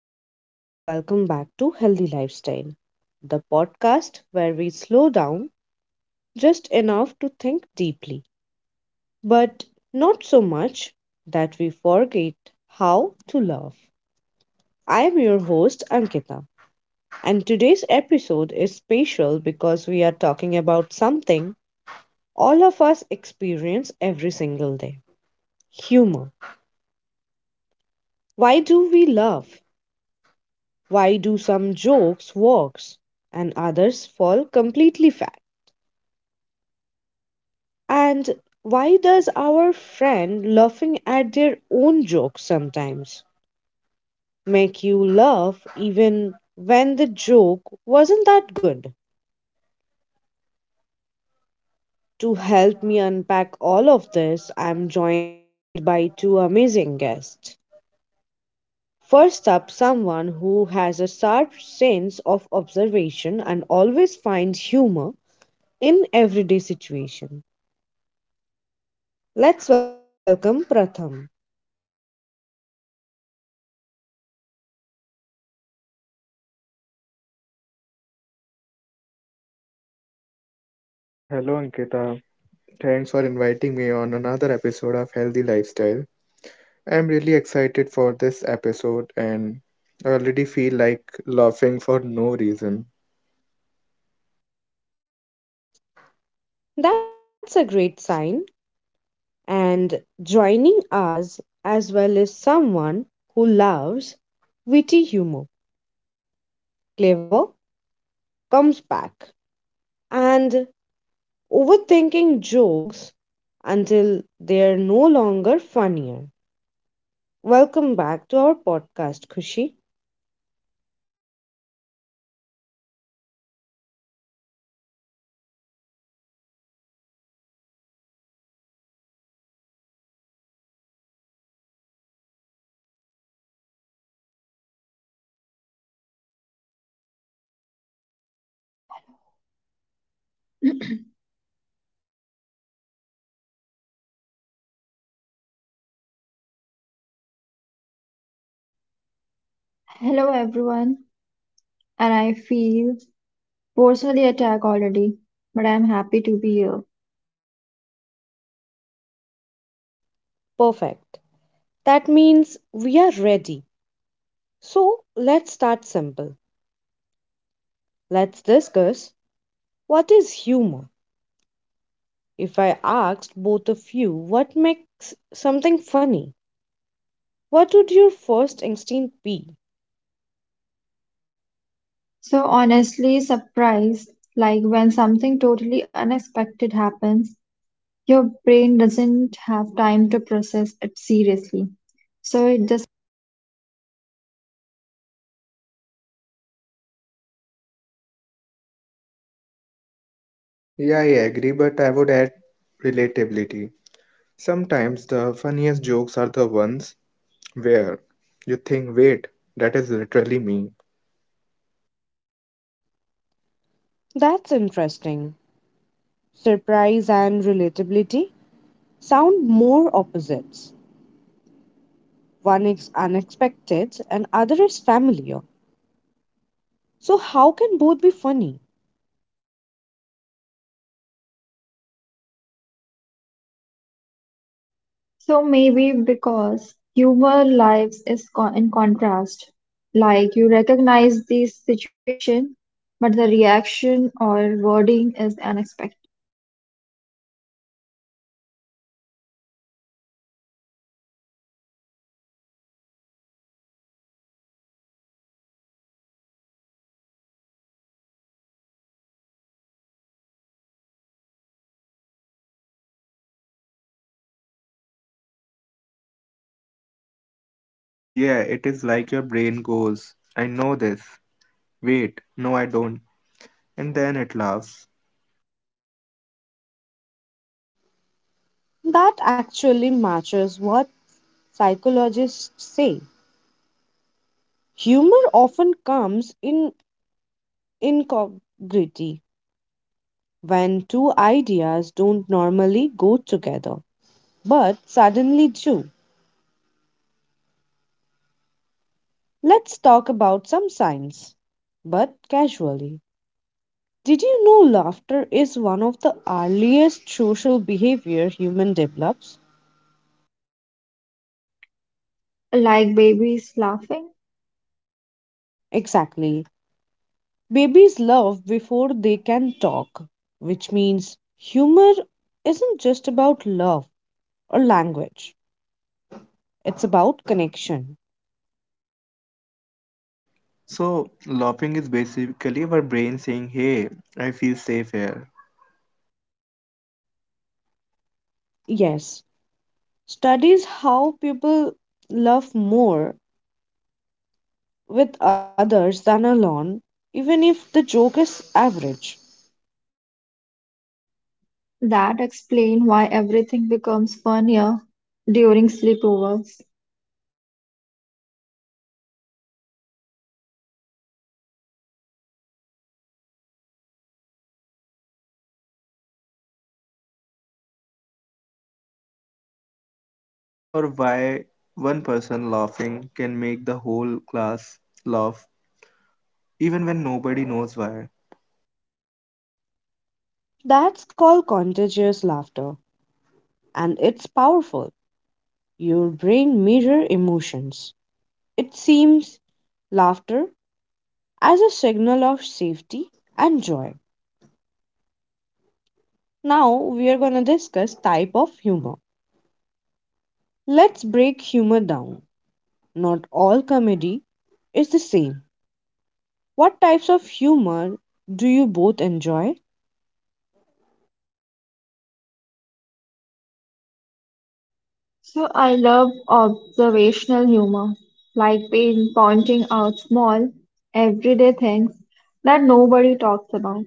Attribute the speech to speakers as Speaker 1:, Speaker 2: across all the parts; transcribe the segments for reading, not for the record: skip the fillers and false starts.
Speaker 1: everyone, and welcome back to Healthy Lifestyle, the podcast where we slow down just enough to think deeply, but not so much that we forget how to love. I am your host, Ankita, and today's episode is special because we are talking about something all of us experience every single day: humor. Why do we laugh? Why do some jokes work and others fall completely flat? And why does our friend laughing at their own jokes sometimes make you laugh even when the joke wasn't that good? To help me unpack all of this, I'm joined by two amazing guests. First up, someone who has a sharp sense of observation and always finds humor in everyday situation. Let's welcome Pratham.
Speaker 2: Hello, Ankita. Thanks for inviting me on another episode of Healthy Lifestyle. I'm really excited for this episode and I already feel like laughing for no reason.
Speaker 1: That's a great sign. And joining us as well as someone who loves witty humor, clever comes back, and overthinking jokes until they're no longer funnier. Welcome back to our podcast, Kushi.
Speaker 3: Hello everyone, and I feel personally attacked already, but I'm happy to be here.
Speaker 1: Perfect. That means we are ready. So let's start simple. Let's discuss what is humor. If I asked both of you what makes something funny, what would your first instinct be?
Speaker 3: So honestly surprised, like when something totally unexpected happens, your brain doesn't have time to process it seriously. So it just
Speaker 2: Yeah, I agree, but I would add relatability. Sometimes the funniest jokes are the ones where you think, wait, that is literally me.
Speaker 1: That's interesting. Surprise and relatability sound more opposites. One is unexpected and other is familiar. So how can both be funny?
Speaker 3: so maybe because humor lives in contrast, like you recognize the situation, but the reaction or wording is unexpected,
Speaker 2: Yeah, it is like your brain goes, I know this. Wait, no, I don't. And then it laughs.
Speaker 1: That actually matches what psychologists say. Humor often comes in incongruity when two ideas don't normally go together, but suddenly do. Let's talk about some science, but casually. Did you know laughter is one of the earliest social behavior human develops?
Speaker 3: like babies laughing.
Speaker 1: Exactly. Babies laugh before they can talk, which means humor isn't just about love or language, it's about connection.
Speaker 2: So, laughing is basically our brain saying, hey, I feel safe here.
Speaker 1: Yes, studies how people laugh more with others than alone, even if the joke is average.
Speaker 3: That explain why everything becomes funnier during sleepovers.
Speaker 2: Or why one person laughing can make the whole class laugh, even when nobody knows why.
Speaker 1: That's called contagious laughter, and it's powerful. Your brain mirror emotions. It seems laughter as a signal of safety and joy. Now we are going to discuss type of humor. Let's break humor down. Not all comedy is the same. What types of humor do you both enjoy?
Speaker 3: So I love observational humor, like being pointing out small, everyday things that nobody talks about.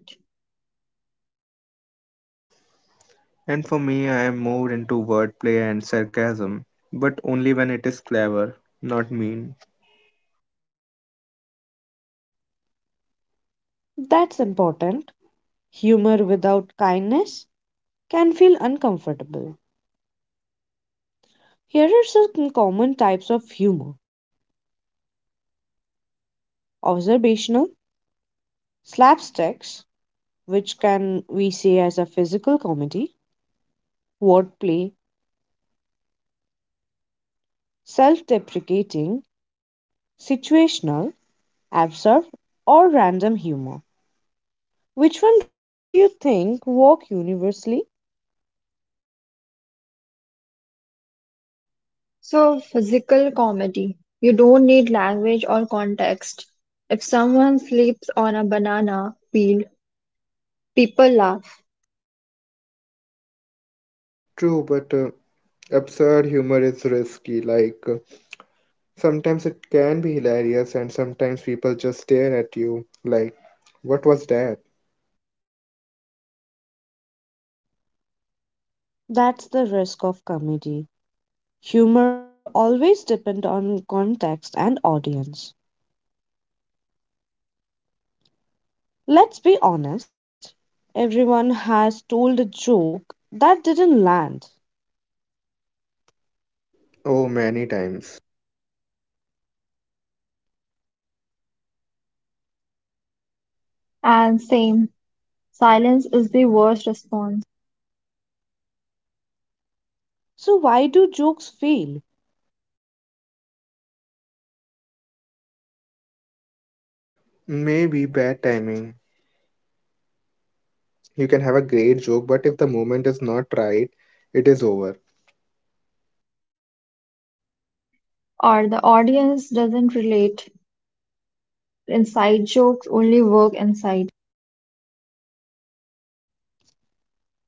Speaker 2: And for me, I am more into wordplay and sarcasm, but only when it is clever, not mean.
Speaker 1: That's important. Humor without kindness can feel uncomfortable. Here are some common types of humor: observational, slapsticks, which can we say as a physical comedy, wordplay, self-deprecating, situational, absurd, or random humor. Which one do you think work universally?
Speaker 3: So physical comedy, you don't need language or context. If someone sleeps on a banana peel, people laugh.
Speaker 2: True, but absurd humor is risky. Like, sometimes it can be hilarious, and sometimes people just stare at you, like, what was that?
Speaker 1: That's the risk of comedy. Humor always depends on context and audience. Let's be honest, everyone has told a joke that didn't land.
Speaker 2: Oh, many times.
Speaker 3: And same, silence is the worst response,
Speaker 1: So why do jokes fail?
Speaker 2: Maybe bad timing. You can have a great joke, but if the moment is not right, it is over.
Speaker 3: or the audience doesn't relate. Inside jokes only work inside.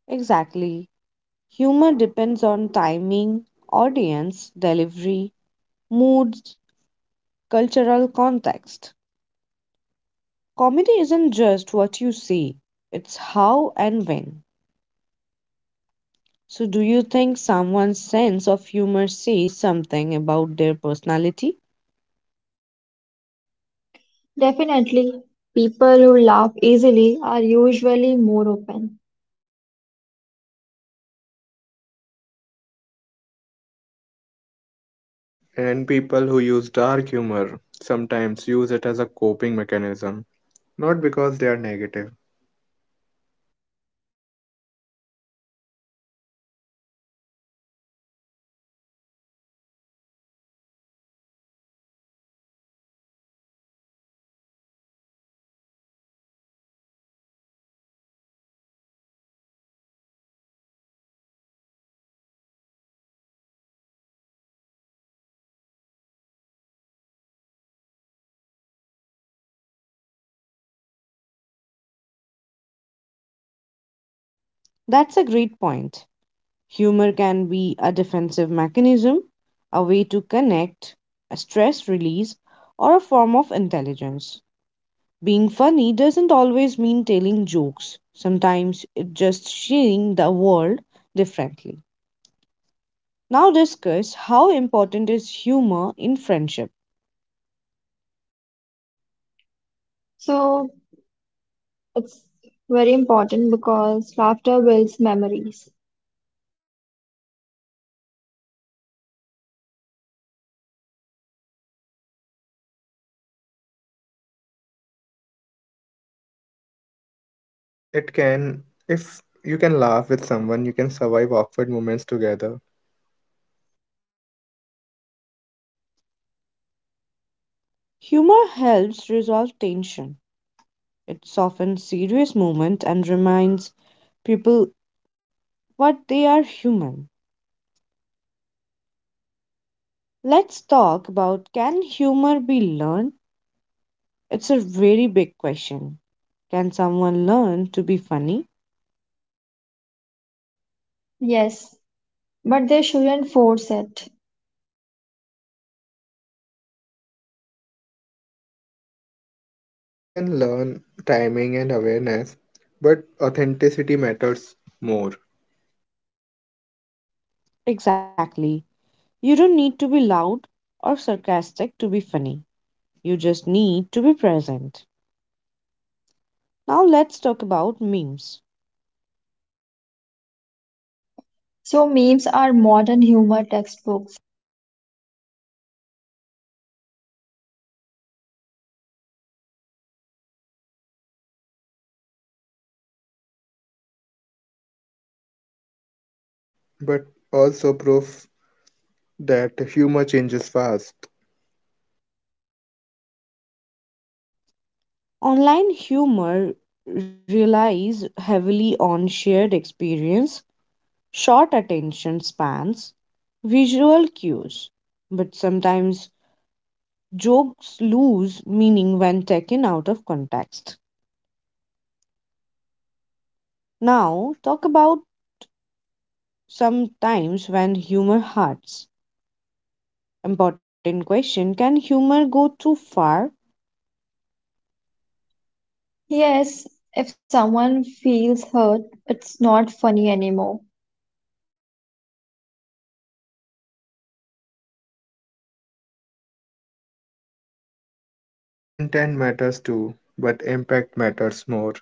Speaker 1: Exactly. Humor depends on timing, audience, delivery, moods, cultural context. Comedy isn't just what you see, it's how and when. So, do you think someone's sense of humor says something about their personality?
Speaker 3: Definitely, people who laugh easily are usually more open.
Speaker 2: And people who use dark humor sometimes use it as a coping mechanism, not because they are negative.
Speaker 1: That's a great point. Humor can be a defensive mechanism, a way to connect, a stress release, or a form of intelligence. Being funny doesn't always mean telling jokes. Sometimes it's just seeing the world differently. Now discuss how important is humor in friendship.
Speaker 3: So it's very important because laughter builds memories.
Speaker 2: It can, if you can laugh with someone, you can survive awkward moments together.
Speaker 1: Humor helps resolve tension. It softens serious moments and reminds people what they are human. Let's talk about can humor be learned? It's a very big question. Can someone learn to be funny?
Speaker 3: Yes, but they shouldn't force it.
Speaker 2: You can learn timing and awareness, but authenticity matters more.
Speaker 1: Exactly. You don't need to be loud or sarcastic to be funny. You just need to be present. Now let's talk about memes.
Speaker 3: So memes are modern humor textbooks.
Speaker 2: But also proof that humor changes fast.
Speaker 1: Online humor relies heavily on shared experience, short attention spans, visual cues, but sometimes jokes lose meaning when taken out of context. Now, talk about sometimes when humor hurts. Important question: can humor go too far?
Speaker 3: Yes, if someone feels hurt, it's not funny anymore.
Speaker 2: Intent matters too, but impact matters more.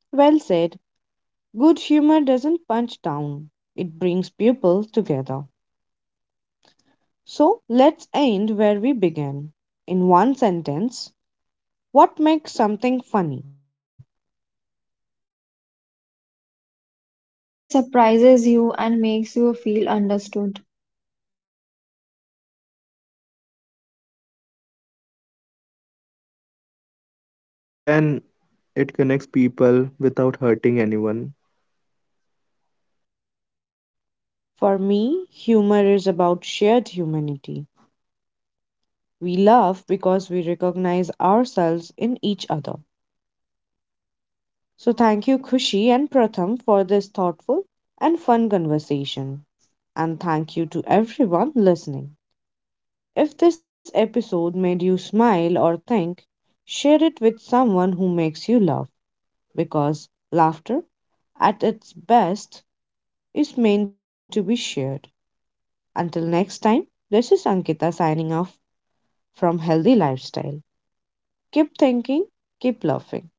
Speaker 1: Well said. Good humor doesn't punch down, it brings people together. So let's end where we began. In one sentence, what makes something funny?
Speaker 3: Where it surprises you and makes you feel understood.
Speaker 2: When it connects people without hurting anyone.
Speaker 1: For me, humor is about shared humanity. We laugh because we recognize ourselves in each other. So thank you, Khushi and Pratham, for this thoughtful and fun conversation. And thank you to everyone listening. If this episode made you smile or think, share it with someone who makes you laugh because laughter, at its best, is meant to be shared. Until next time, this is Ankita signing off from Healthy Lifestyle. Keep thinking, keep laughing.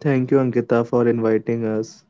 Speaker 2: Thank you, Ankita, for inviting us.